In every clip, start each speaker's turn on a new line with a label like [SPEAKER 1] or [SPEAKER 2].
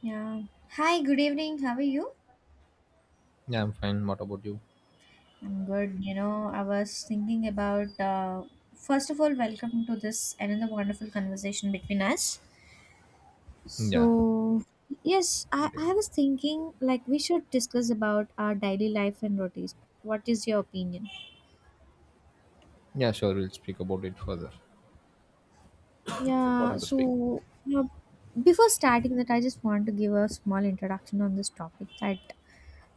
[SPEAKER 1] Yeah. Hi, good evening. How are you?
[SPEAKER 2] Yeah, I'm fine. What about you?
[SPEAKER 1] I'm good. You know, I was thinking about first of all, welcome to this another wonderful conversation between us.
[SPEAKER 2] Yeah.
[SPEAKER 1] So, yes, I,
[SPEAKER 2] Yeah.
[SPEAKER 1] I was thinking like we should discuss about our daily life and routines. What is your opinion?
[SPEAKER 2] Yeah, sure. We'll speak about it further. It's
[SPEAKER 1] Yeah,
[SPEAKER 2] important to speak.
[SPEAKER 1] so uh, before starting that, I just want to give a small introduction on this topic that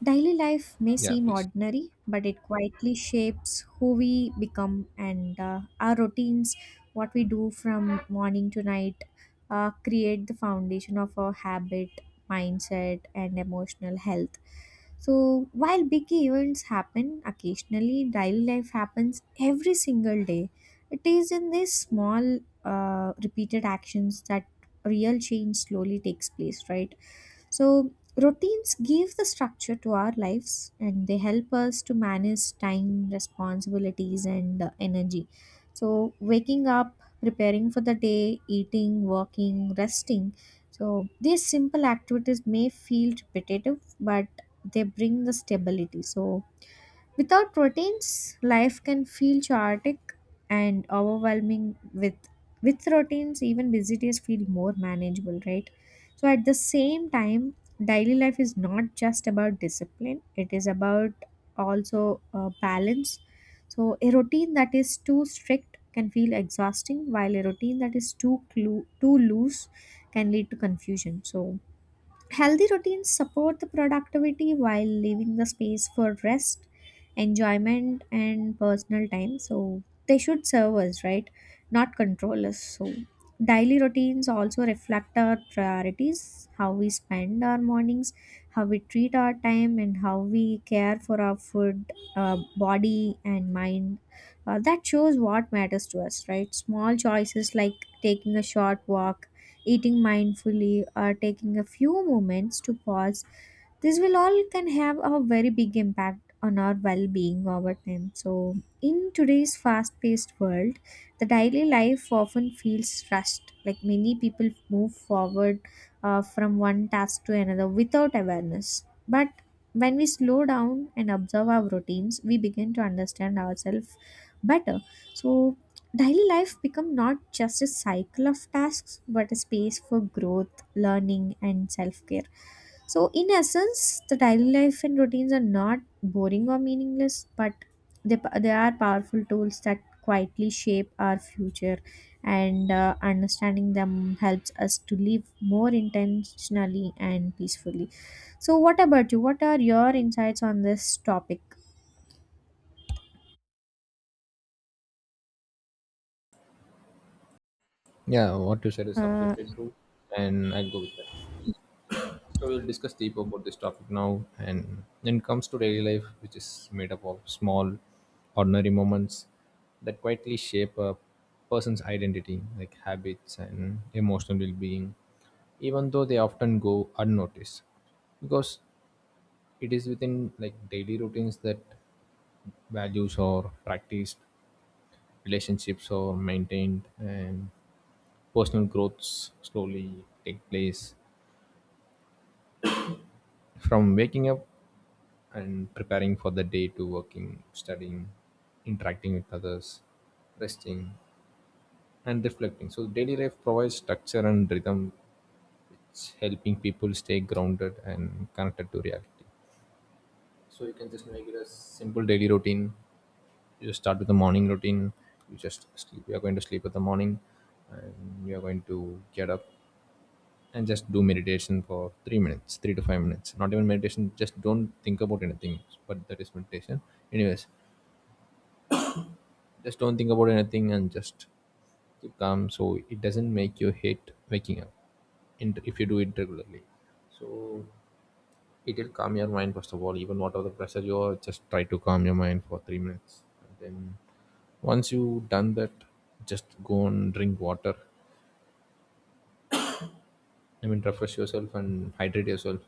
[SPEAKER 1] daily life may
[SPEAKER 2] Yeah,
[SPEAKER 1] seem
[SPEAKER 2] please.
[SPEAKER 1] ordinary, but it quietly shapes who we become and our routines, what we do from morning to night, create the foundation of our habit, mindset, and emotional health. So, while big events happen occasionally, daily life happens every single day. It is in these small, repeated actions that real change slowly takes place, right? So, routines give the structure to our lives and they help us to manage time, responsibilities, and energy. So, waking up, preparing for the day, eating, working, resting. So, these simple activities may feel repetitive, but they bring the stability. So, without proteins, life can feel chaotic and overwhelming. With with routines, even busy days feel more manageable, right? So at the same time, daily life is not just about discipline; it is about also balance. So a routine that is too strict can feel exhausting, while a routine that is too loose can lead to confusion. So healthy routines support the productivity while leaving the space for rest, enjoyment, and personal time. So they should serve us, right? Not control us. So daily routines also reflect our priorities, how we spend our mornings, how we treat our time, and how we care for our food, body, and mind. That shows what matters to us, right? Small choices like taking a short walk, eating mindfully, or taking a few moments to pause, this will all can have a very big impact on our well-being over time. So in today's fast-paced world, the daily life often feels rushed. Like many people move forward from one task to another without awareness, but when we slow down and observe our routines, we begin to understand ourselves better. So daily life become not just a cycle of tasks but a space for growth, learning and self-care. So in essence, the daily life and routines are not boring or meaningless, but they are powerful tools that quietly shape our future, and understanding them helps us to live more intentionally and peacefully. So what about you? What are your insights on this topic?
[SPEAKER 2] Yeah, what you said is
[SPEAKER 1] Uh,
[SPEAKER 2] absolutely true, and I'll go with that. So we'll discuss deep about this topic now, and then comes to daily life, which is made up of small, ordinary moments that quietly shape a person's identity, like habits and emotional well-being, even though they often go unnoticed because it is within like daily routines that values are practiced, relationships are maintained, and personal growths slowly take place. From waking up and preparing for the day to working, studying, interacting with others, resting, and reflecting. So, daily life provides structure and rhythm, helping people stay grounded and connected to reality. So you can just make it a simple daily routine. You just start with the morning routine. You just sleep. You are going to sleep at the morning, and you are going to get up and just do meditation for 3 minutes, 3 to 5 minutes. Not even meditation. Just don't think about anything. But that is meditation. Anyways, just don't think about anything and just keep calm. So it doesn't make you hate waking up. In if you do it regularly, so it'll calm your mind first of all, even whatever the pressure you are, just try to calm your mind for 3 minutes. And then once you done that, just go and drink water. I mean refresh yourself and hydrate yourself.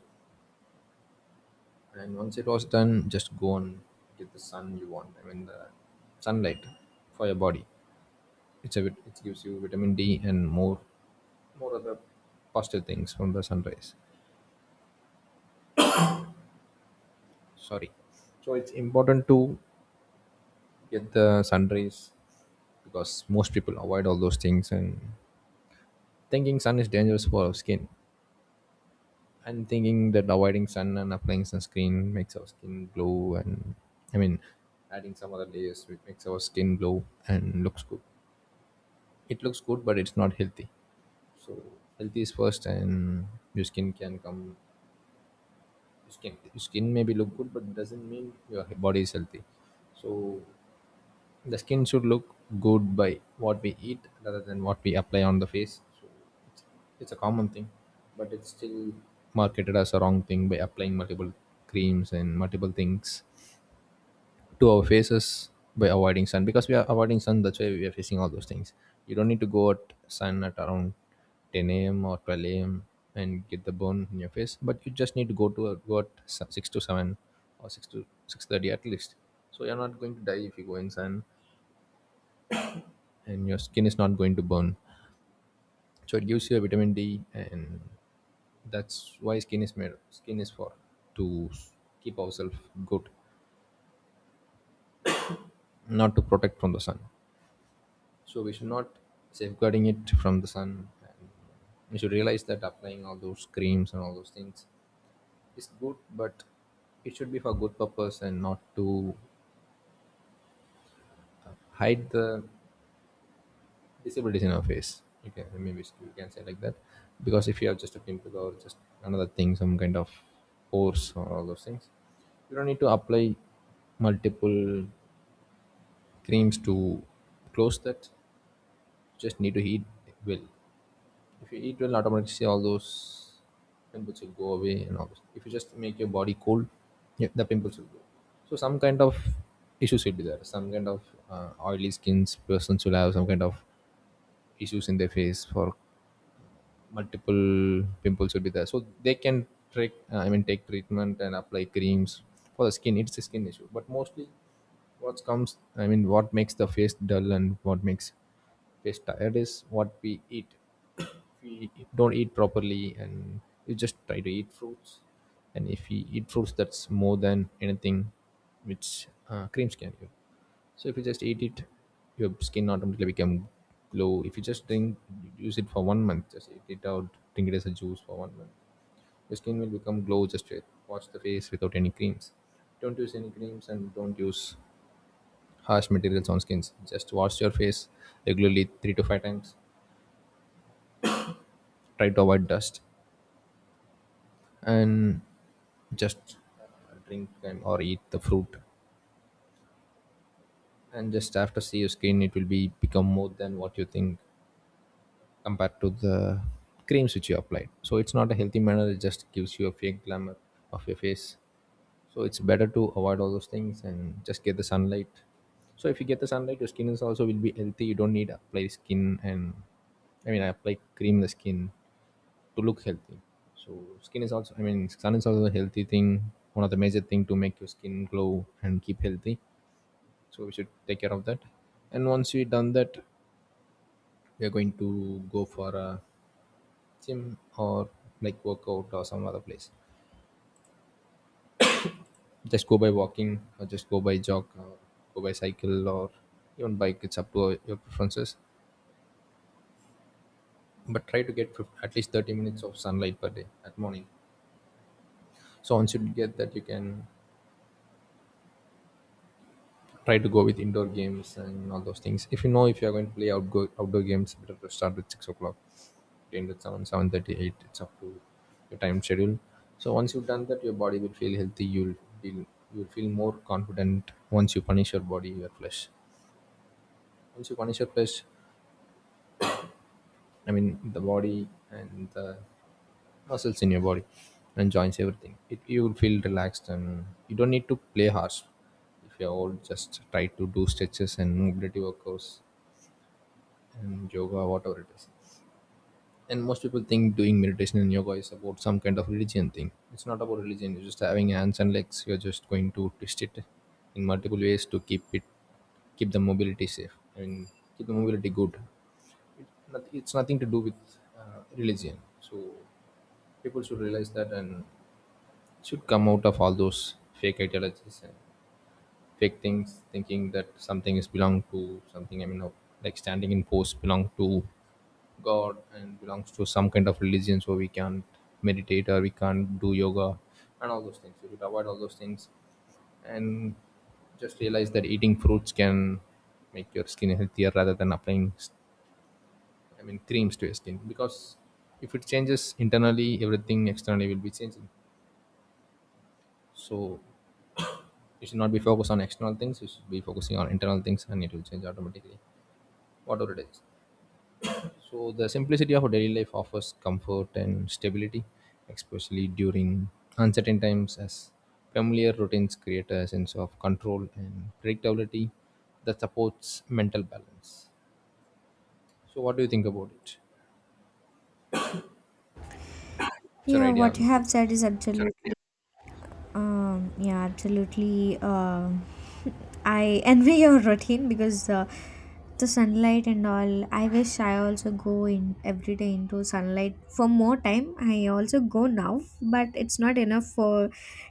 [SPEAKER 2] And once it was done, just go and get the sun you want. I mean the sunlight for your body. It gives you vitamin D and more other positive things from the sunrise. Sorry. So it's important to get the sun rays, because most people avoid all those things and thinking sun is dangerous for our skin, and thinking that avoiding sun and applying sunscreen makes our skin glow, and I mean adding some other layers which makes our skin glow and looks good. It looks good, but it's not healthy. So healthy is first, and your skin can come your skin maybe look good, but doesn't mean your body is healthy. So the skin should look good by what we eat rather than what we apply on the face. So it's a common thing, but it's still marketed as a wrong thing by applying multiple creams and multiple things to our faces, by avoiding sun. Because we are avoiding sun, that's why we are facing all those things. You don't need to go at sun at around 10 a.m. or 12 a.m. and get the burn in your face, but you just need to go at 6 to 7 or 6 to 6:30 at least. So you're not going to die if you go in sun, and your skin is not going to burn. So it gives you a vitamin D, and that's why skin is for to s- keep ourselves good, not to protect from the sun. So we should not safeguarding it from the sun, and we should realize that applying all those creams and all those things is good, but it should be for good purpose and not to hide the disabilities in our face. Okay, maybe you can say like that, because if you have just a pimple or just another thing, some kind of pores or all those things, you don't need to apply multiple creams to close that. You just need to eat well. If you eat well, automatically all those pimples will go away and all those. If you just make your body cold, yeah, the pimples will go. So some kind of issues will be there. Some kind of oily skins persons will have some kind of issues in their face, for multiple pimples would be there, so they can take I mean take treatment and apply creams for the skin. It's a skin issue, but mostly what comes, I mean what makes the face dull and what makes face tired is what we eat. If we don't eat properly, and you just try to eat fruits, and if we eat fruits, that's more than anything which creams can give. So if you just eat it, your skin automatically become glow. If you just drink, use it for one month, just eat it out, drink it as a juice for one month, your skin will become glow. Just wash the face without any creams. Don't use any creams and don't use harsh materials on skins. Just wash your face regularly 3 to 5 times. Try to avoid dust, and just drink and or eat the fruit, and just after see your skin, it will be become more than what you think compared to the creams which you applied. So it's not a healthy manner, it just gives you a fake glamour of your face. So it's better to avoid all those things and just get the sunlight. So if you get the sunlight, your skin is also will be healthy. You don't need to apply skin, and I mean I apply cream the skin to look healthy. So skin is also, I mean sun is also a healthy thing, one of the major thing to make your skin glow and keep healthy. So we should take care of that. And once we done that, we are going to go for a gym or like workout or some other place. Just go by walking or just go by jog or go by cycle or even bike, it's up to your preferences. But try to get at least 30 minutes of sunlight per day at morning. So once you get that, you can try to go with indoor games and all those things. If you are going to play outdoor games, better to start with 6 o'clock, end with seven seven thirty eight. It's up to your time schedule. So once you've done that, your body will feel healthy. Feel you'll feel more confident. Once you punish your body, your flesh. Once you punish your flesh, I mean the body and the muscles in your body and joints, everything. It you will feel relaxed, and you don't need to play harsh. If you're old, just try to do stretches and mobility workouts and yoga, whatever it is. And most people think doing meditation and yoga is about some kind of religion thing. It's not about religion. You're just having hands and legs. You're just going to twist it in multiple ways to keep the mobility safe. I mean, keep the mobility good. It, it's nothing to do with religion. So people should realize that and should come out of all those fake ideologies and fake things, thinking that something is belong to something. I mean, no. Like standing in pose belong to God and belongs to some kind of religion, so we can't meditate or we can't do yoga, and all those things we should avoid all those things. And just realize that eating fruits can make your skin healthier rather than I mean creams to your skin, because if it changes internally, everything externally will be changing. So you should not be focused on external things, you should be focusing on internal things, and it will change automatically, whatever it is. So the simplicity of daily life offers comfort and stability, especially during uncertain times, as familiar routines create a sense of control and predictability that supports mental balance. So what do you think about it? What's your
[SPEAKER 1] yeah,
[SPEAKER 2] idea
[SPEAKER 1] what
[SPEAKER 2] on
[SPEAKER 1] you have
[SPEAKER 2] about that?
[SPEAKER 1] said is absolutely, yeah, absolutely. I envy your routine because the sunlight and all. I wish I also go in every day into sunlight for more time. I also go now, but it's not enough for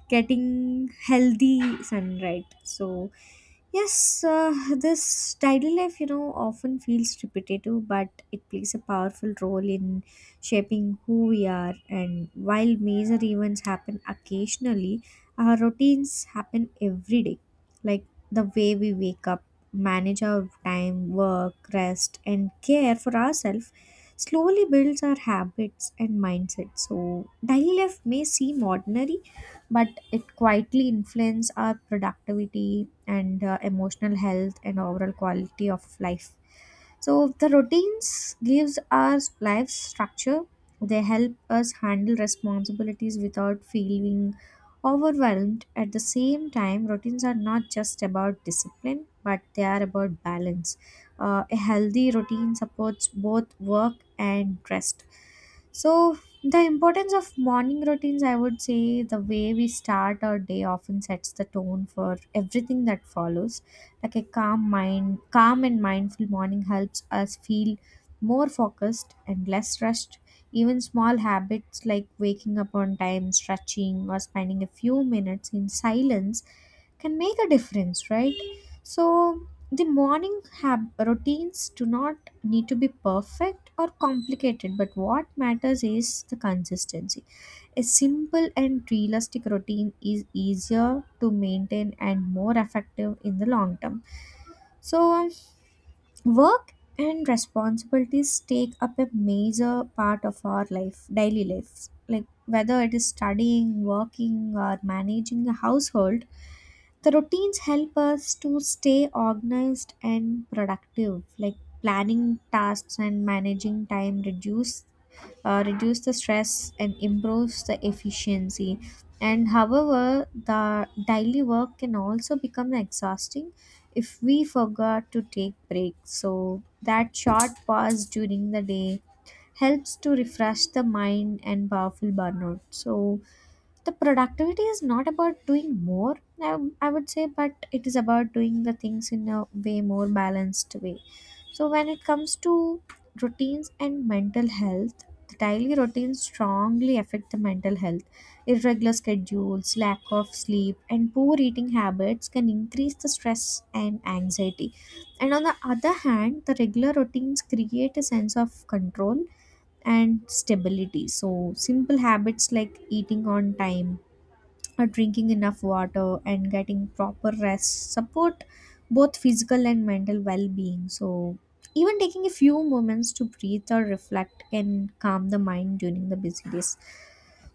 [SPEAKER 1] getting healthy sunlight. So yes, this daily life, you know, often feels repetitive, but it plays a powerful role in shaping who we are. And while major events happen occasionally, our routines happen every day. Like the way we wake up, manage our time, work, rest, and care for ourselves slowly builds our habits and mindset. So, daily life may seem ordinary, but it quietly influences our productivity and emotional health and overall quality of life. So the routines gives our lives structure. They help us handle responsibilities without feeling overwhelmed. At the same time, routines are not just about discipline, but they are about balance. A healthy routine supports both work and rest. So the importance of morning routines, I would say, the way we start our day often sets the tone for everything that follows. Like a calm mind, calm and mindful morning helps us feel more focused and less rushed. Even small habits like waking up on time, stretching, or spending a few minutes in silence can make a difference, right? So, the routines do not need to be perfect or complicated, but what matters is the consistency. A simple and realistic routine is easier to maintain and more effective in the long term. So, work and responsibilities take up a major part of our life, daily lives. Like whether it is studying, working, or managing a household, the routines help us to stay organized and productive, like planning tasks and managing time reduce the stress and improves the efficiency. And however, the daily work can also become exhausting if we forgot to take breaks. So that short pause during the day helps to refresh the mind and powerful burnout. So the productivity is not about doing more, I, I would say, but it is about doing the things in a way more balanced way. So when it comes to routines and mental health, the daily routines strongly affect the mental health. Irregular schedules, lack of sleep, and poor eating habits can increase the stress and anxiety. And on the other hand, the regular routines create a sense of control and stability. So simple habits like eating on time, drinking enough water, and getting proper rest support both physical and mental well-being. So even taking a few moments to breathe or reflect can calm the mind during the busy days.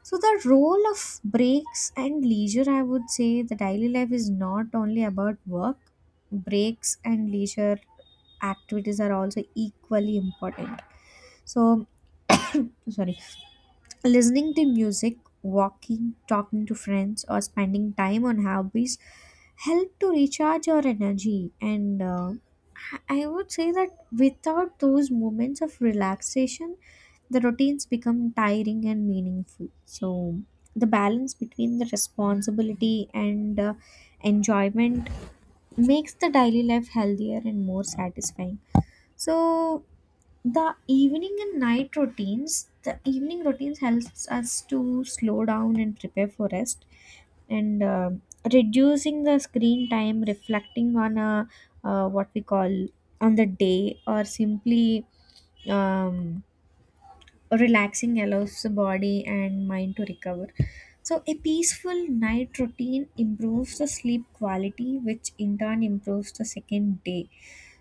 [SPEAKER 1] So the role of breaks and leisure, I would say the daily life is not only about work. Breaks and leisure activities are also equally important. So sorry. Listening to music, walking, talking to friends, or spending time on hobbies help to recharge your energy. And I would say that without those moments of relaxation, the routines become tiring and meaningful. So, the balance between the responsibility and enjoyment makes the daily life healthier and more satisfying. So, the evening and night routines, the evening routines helps us to slow down and prepare for rest, and reducing the screen time, reflecting on a what we call on the day, or simply um, relaxing allows the body and mind to recover. So, a peaceful night routine improves the sleep quality, which in turn improves the second day.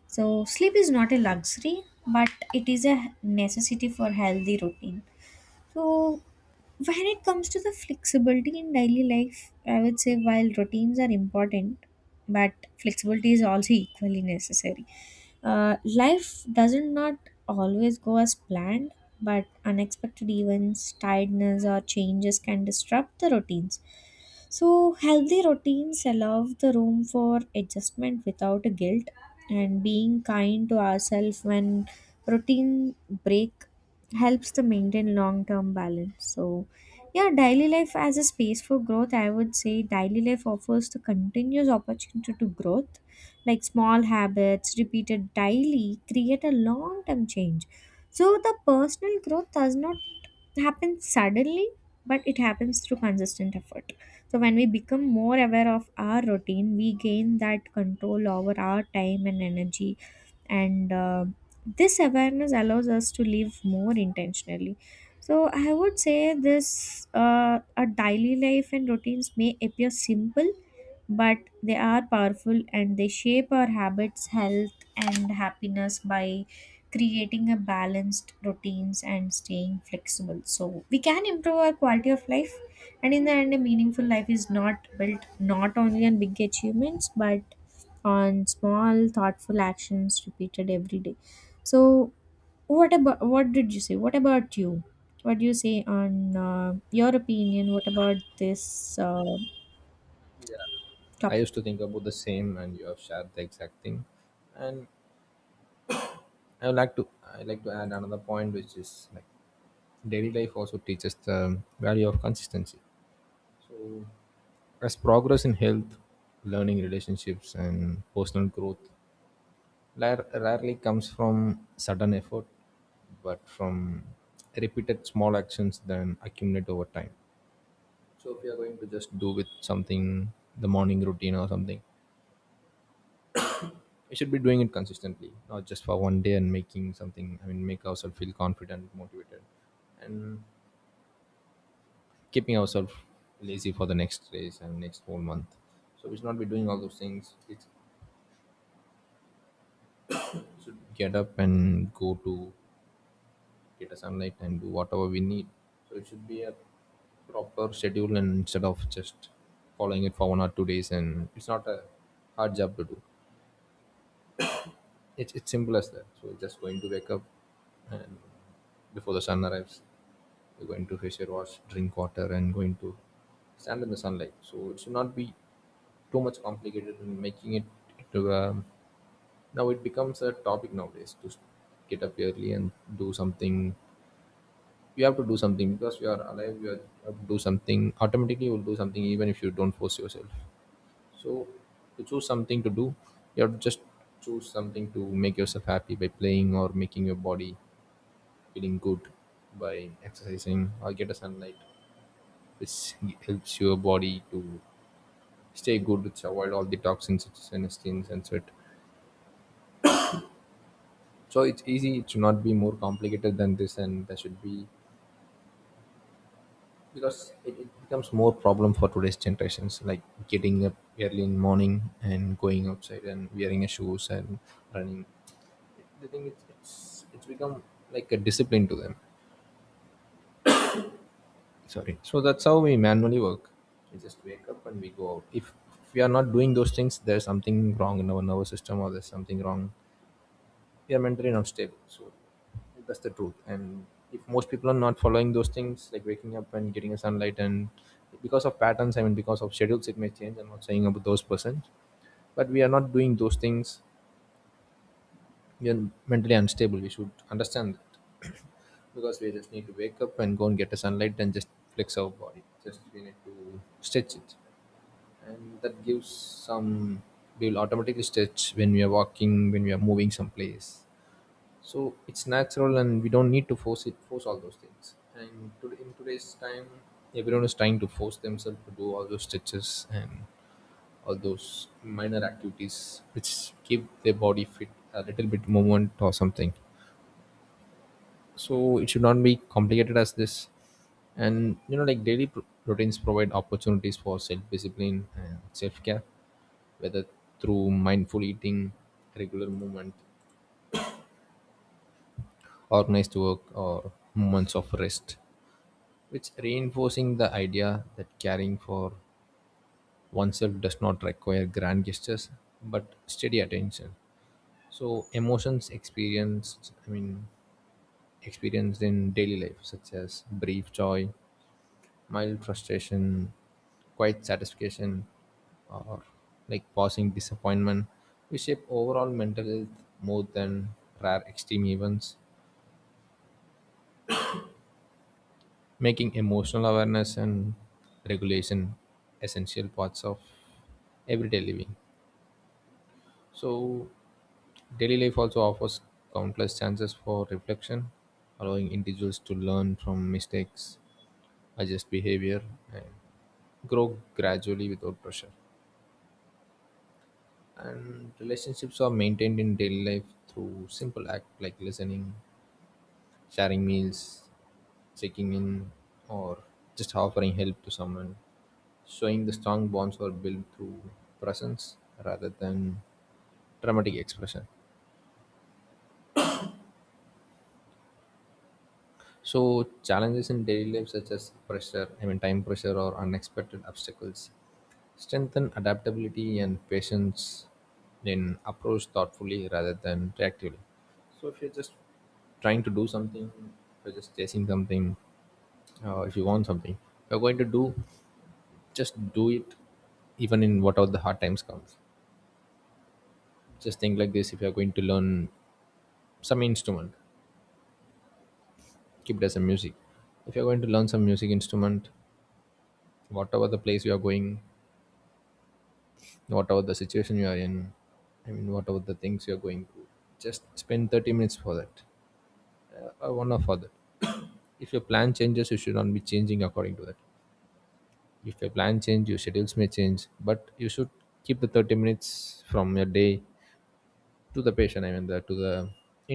[SPEAKER 1] So, sleep is not a luxury, but it is a necessity for healthy routine. So, when it comes to the flexibility in daily life, I would say while routines are important, but flexibility is also equally necessary. Life doesn't not always go as planned, but unexpected events, tiredness, or changes can disrupt the routines. So, healthy routines allow the room for adjustment without a guilt, and being kind to ourselves when routine break helps to maintain long term balance. So, yeah, daily life as a space for growth, I would say daily life offers the continuous opportunity to growth. Like small habits repeated daily create a long term change. So, the personal growth does not, it happens suddenly, but it happens through consistent effort. So when we become more aware of our routine, we gain that control over our time and energy. And this awareness allows us to live more intentionally. So I would say this our daily life and routines may appear simple, but they are powerful and they shape our habits, health, and happiness by creating a balanced routines and staying flexible so we can improve our quality of life. And in the end, a meaningful life is not built not only on big achievements but on small thoughtful actions repeated every day. So what about you, what do you say on your opinion, what about this
[SPEAKER 2] I
[SPEAKER 1] topic?
[SPEAKER 2] used to think about the same, and you have shared the exact thing. And I like to add another point, which is like daily life also teaches the value of consistency. So, as progress in health, learning, relationships, and personal growth rarely comes from sudden effort, but from repeated small actions that accumulate over time. So, if you are going to just do with something, the morning routine or something, we should be doing it consistently, not just for one day and making something, I mean, make ourselves feel confident, motivated, and keeping ourselves lazy for the next days and next whole month. So we should not be doing all those things. It's should get up and go to get a sunlight and do whatever we need. So it should be a proper schedule, and instead of just following it for one or two days. And it's not a hard job to do. It's simple as that. So you're just going to wake up, and before the sun arrives, you're going to face your wash, drink water and going to stand in the sunlight. So it should not be too much complicated in making it to now it becomes a topic nowadays to get up early and do something. You have to do something because you are alive, you have to do something. Automatically you will do something even if you don't force yourself, so to choose something to do you have to just choose something to make yourself happy by playing or making your body feeling good by exercising or get a sunlight, which helps your body to stay good, which avoid all the toxins such as intestines and sweat. So it's easy, it should not be more complicated than this. And there should be, because it becomes more problem for today's generations, like getting up early in morning and going outside and wearing a shoes and running. The thing is it's become like a discipline to them. So that's how we manually work, we just wake up and we go out. If we are not doing those things, there's something wrong in our nervous system, or there's something wrong, we are mentally not stable. So that's the truth. And if most people are not following those things, like waking up and getting a sunlight, and because of patterns, I mean, because of schedules, it may change. I'm not saying about those persons, but we are not doing those things. We are mentally unstable. We should understand that. Because we just need to wake up and go and get a sunlight and just flex our body. Just we need to stretch it, and that gives some. We will automatically stretch when we are walking, when we are moving someplace, so it's natural and we don't need to force it, force all those things. And in today's time everyone is trying to force themselves to do all those stretches and all those minor activities which keep their body fit, a little bit movement or something. So it should not be complicated as this. And like daily routines provide opportunities for self-discipline and self-care, whether through mindful eating, regular movement, organized work, or moments of rest, which reinforcing the idea that caring for oneself does not require grand gestures but steady attention. So emotions experienced I mean experienced in daily life, such as brief joy, mild frustration, quiet satisfaction, or like passing disappointment, we shape overall mental health more than rare extreme events, making emotional awareness and regulation essential parts of everyday living. So, daily life also offers countless chances for reflection, allowing individuals to learn from mistakes, adjust behavior, and grow gradually without pressure. And relationships are maintained in daily life through simple acts like listening, sharing meals, checking in, or just offering help to someone, showing the strong bonds were built through presence rather than dramatic expression. So, challenges in daily life, such as pressure, I mean, time pressure or unexpected obstacles, strengthen adaptability and patience in approach thoughtfully rather than reactively. So, if you're just trying to do something, if you're just chasing something, if you want something, you're going to do, just do it even in whatever the hard times comes. Just think like this: if you're going to learn some instrument, keep it as a music. If you're going to learn some music instrument, whatever the place you are going, whatever the situation you are in, I mean whatever the things you're going through, just spend 30 minutes for that, or 1 hour for that. If your plan changes you should not be changing according to that. If your plan change, your schedules may change, but you should keep the 30 minutes from your day to the patient I mean the to the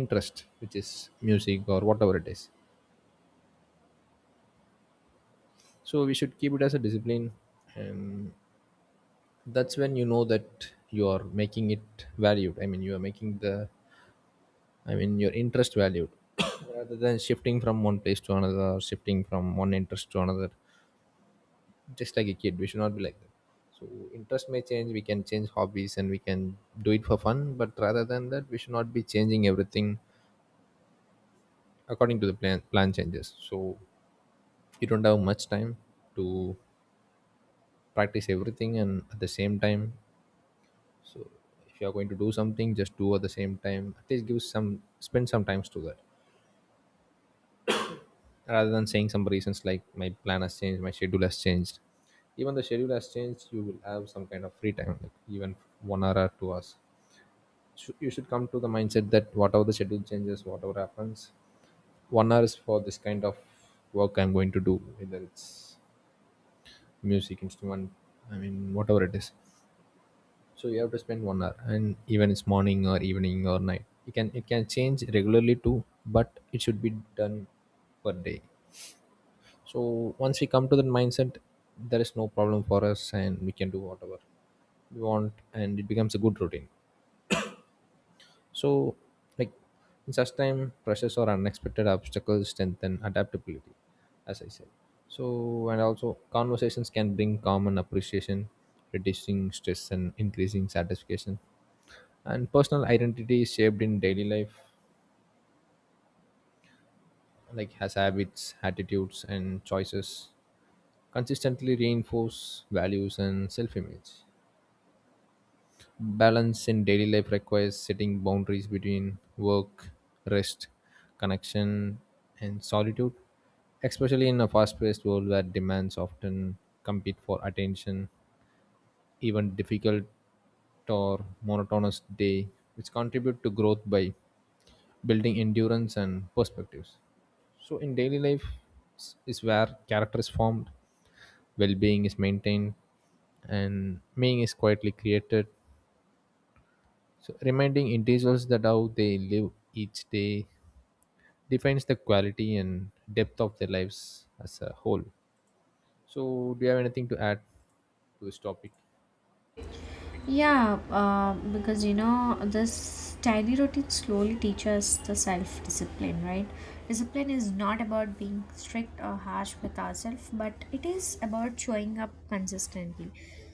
[SPEAKER 2] interest, which is music or whatever it is. So we should keep it as a discipline. And that's when you know that you are making the I mean your interest valued, rather than shifting from one place to another or shifting from one interest to another. Just like a kid, we should not be like that. So interest may change, we can change hobbies and we can do it for fun, but rather than that we should not be changing everything according to the plan. Plan changes, so you don't have much time to practice everything and at the same time. So if you are going to do something, just do at the same time, at least give some, spend some times to that, rather than saying some reasons like my plan has changed, my schedule has changed. Even the schedule has changed, you will have some kind of free time, like even 1 hour or 2 hours. You should come to the mindset that whatever the schedule changes, whatever happens, 1 hour is for this kind of work I'm going to do, whether it's music instrument, I mean whatever it is. So you have to spend 1 hour, and even it's morning or evening or night, it can change regularly too, but it should be done per day. So once we come to that mindset, there is no problem for us and we can do whatever we want, and it becomes a good routine. So, like, in such time pressures or unexpected obstacles strengthen adaptability, as I said. So, and also conversations can bring common appreciation, reducing stress and increasing satisfaction. And personal identity is shaped in daily life, like has habits, attitudes and choices consistently reinforce values and self-image. Balance in daily life requires setting boundaries between work, rest, connection, and solitude, especially in a fast-paced world where demands often compete for attention. Even difficult or monotonous day, which contribute to growth by building endurance and perspectives. So in daily life is where character is formed, well-being is maintained, and meaning is quietly created. So reminding individuals that how they live each day defines the quality and depth of their lives as a whole. So do you have anything to add to this topic?
[SPEAKER 1] Yeah, because you know, this tiny routine slowly teaches the self discipline, right? Discipline is not about being strict or harsh with ourselves, but it is about showing up consistently.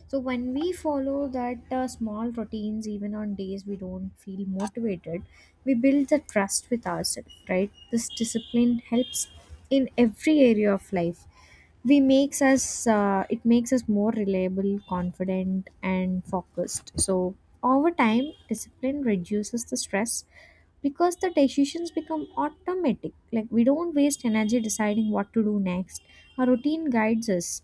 [SPEAKER 1] So, when we follow that small routines, even on days we don't feel motivated, we build the trust with ourselves, right? This discipline helps in every area of life. We makes us It makes us more reliable, confident, and focused. So over time discipline reduces the stress because the decisions become automatic. Like we don't waste energy deciding what to do next, our routine guides us.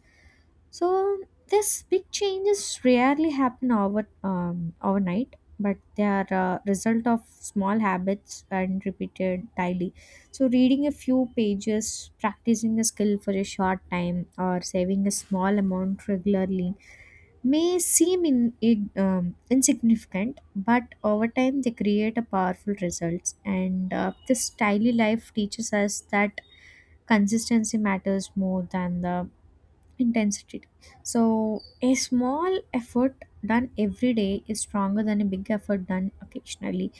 [SPEAKER 1] So this big changes rarely happen over overnight, but they are a result of small habits and repeated daily. So reading a few pages, practicing a skill for a short time, or saving a small amount regularly may seem insignificant, but over time they create a powerful results. And this daily life teaches us that consistency matters more than the intensity. So a small effort done every day is stronger than a big effort done occasionally.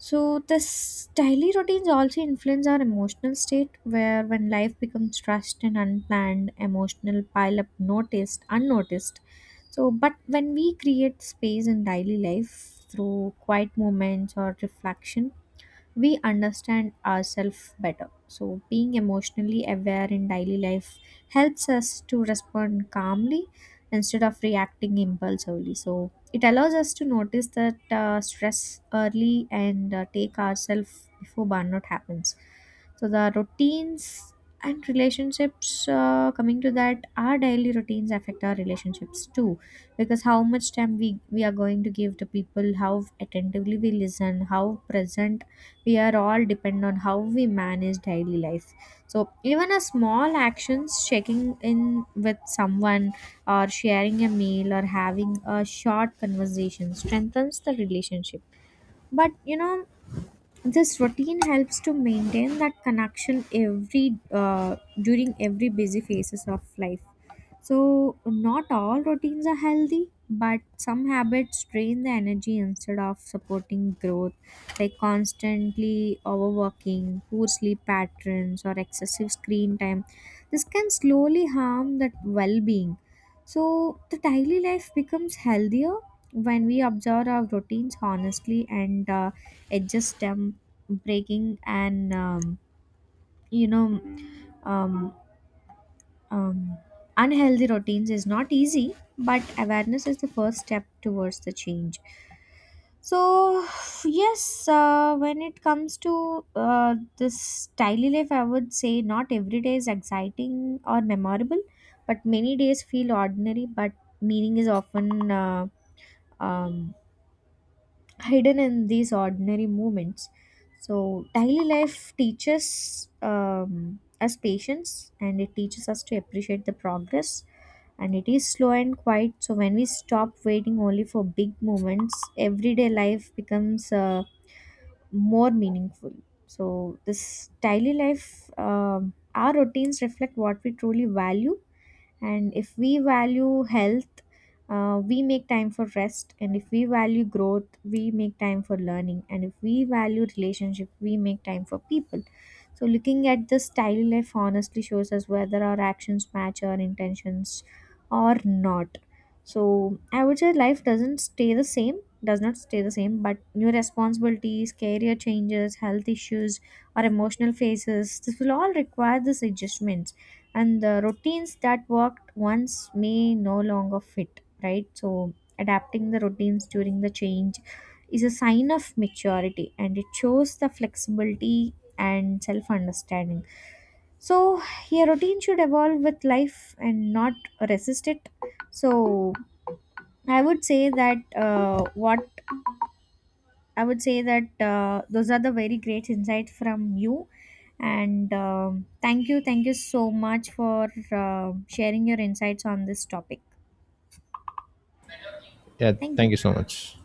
[SPEAKER 1] So the daily routines also influence our emotional state, where when life becomes rushed and unplanned, emotional pile up noticed, unnoticed. So but when we create space in daily life through quiet moments or reflection, we understand ourselves better. So, being emotionally aware in daily life helps us to respond calmly instead of reacting impulsively. So, it allows us to notice that stress early and take ourselves before burnout happens. So, the routines and relationships, coming to that, our daily routines affect our relationships too, because how much time we are going to give to people, how attentively we listen, how present we are, all depend on how we manage daily life. So even a small actions, checking in with someone, or sharing a meal, or having a short conversation strengthens the relationship. But you know, this routine helps to maintain that connection every during every busy phases of life. So not all routines are healthy, but some habits drain the energy instead of supporting growth, like constantly overworking, poor sleep patterns, or excessive screen time. This can slowly harm that well-being. So the daily life becomes healthier when we observe our routines honestly and adjust them. Breaking and you know um, um, Unhealthy routines is not easy, but awareness is the first step towards the change. So yes, when it comes to this daily life, I would say not every day is exciting or memorable, but many days feel ordinary, but meaning is often um, hidden in these ordinary moments. So, daily life teaches us patience and it teaches us to appreciate the progress. And it is slow and quiet. So, when we stop waiting only for big moments, everyday life becomes more meaningful. So, this daily life, our routines reflect what we truly value. And if we value health, we make time for rest, and if we value growth we make time for learning, and if we value relationship we make time for people. So looking at this daily life honestly shows us whether our actions match our intentions or not. So I would say life doesn't stay the same does not stay the same, but new responsibilities, career changes, health issues, or emotional phases, this will all require this adjustments. And the routines that worked once may no longer fit right. So adapting the routines during the change is a sign of maturity, and it shows the flexibility and self understanding. So your routine should evolve with life and not resist it. So I would say that uh, what those are the very great insights from you. And thank you so much for sharing your insights on this topic.
[SPEAKER 2] Yeah,
[SPEAKER 1] Thank
[SPEAKER 2] thank
[SPEAKER 1] you.
[SPEAKER 2] you so much.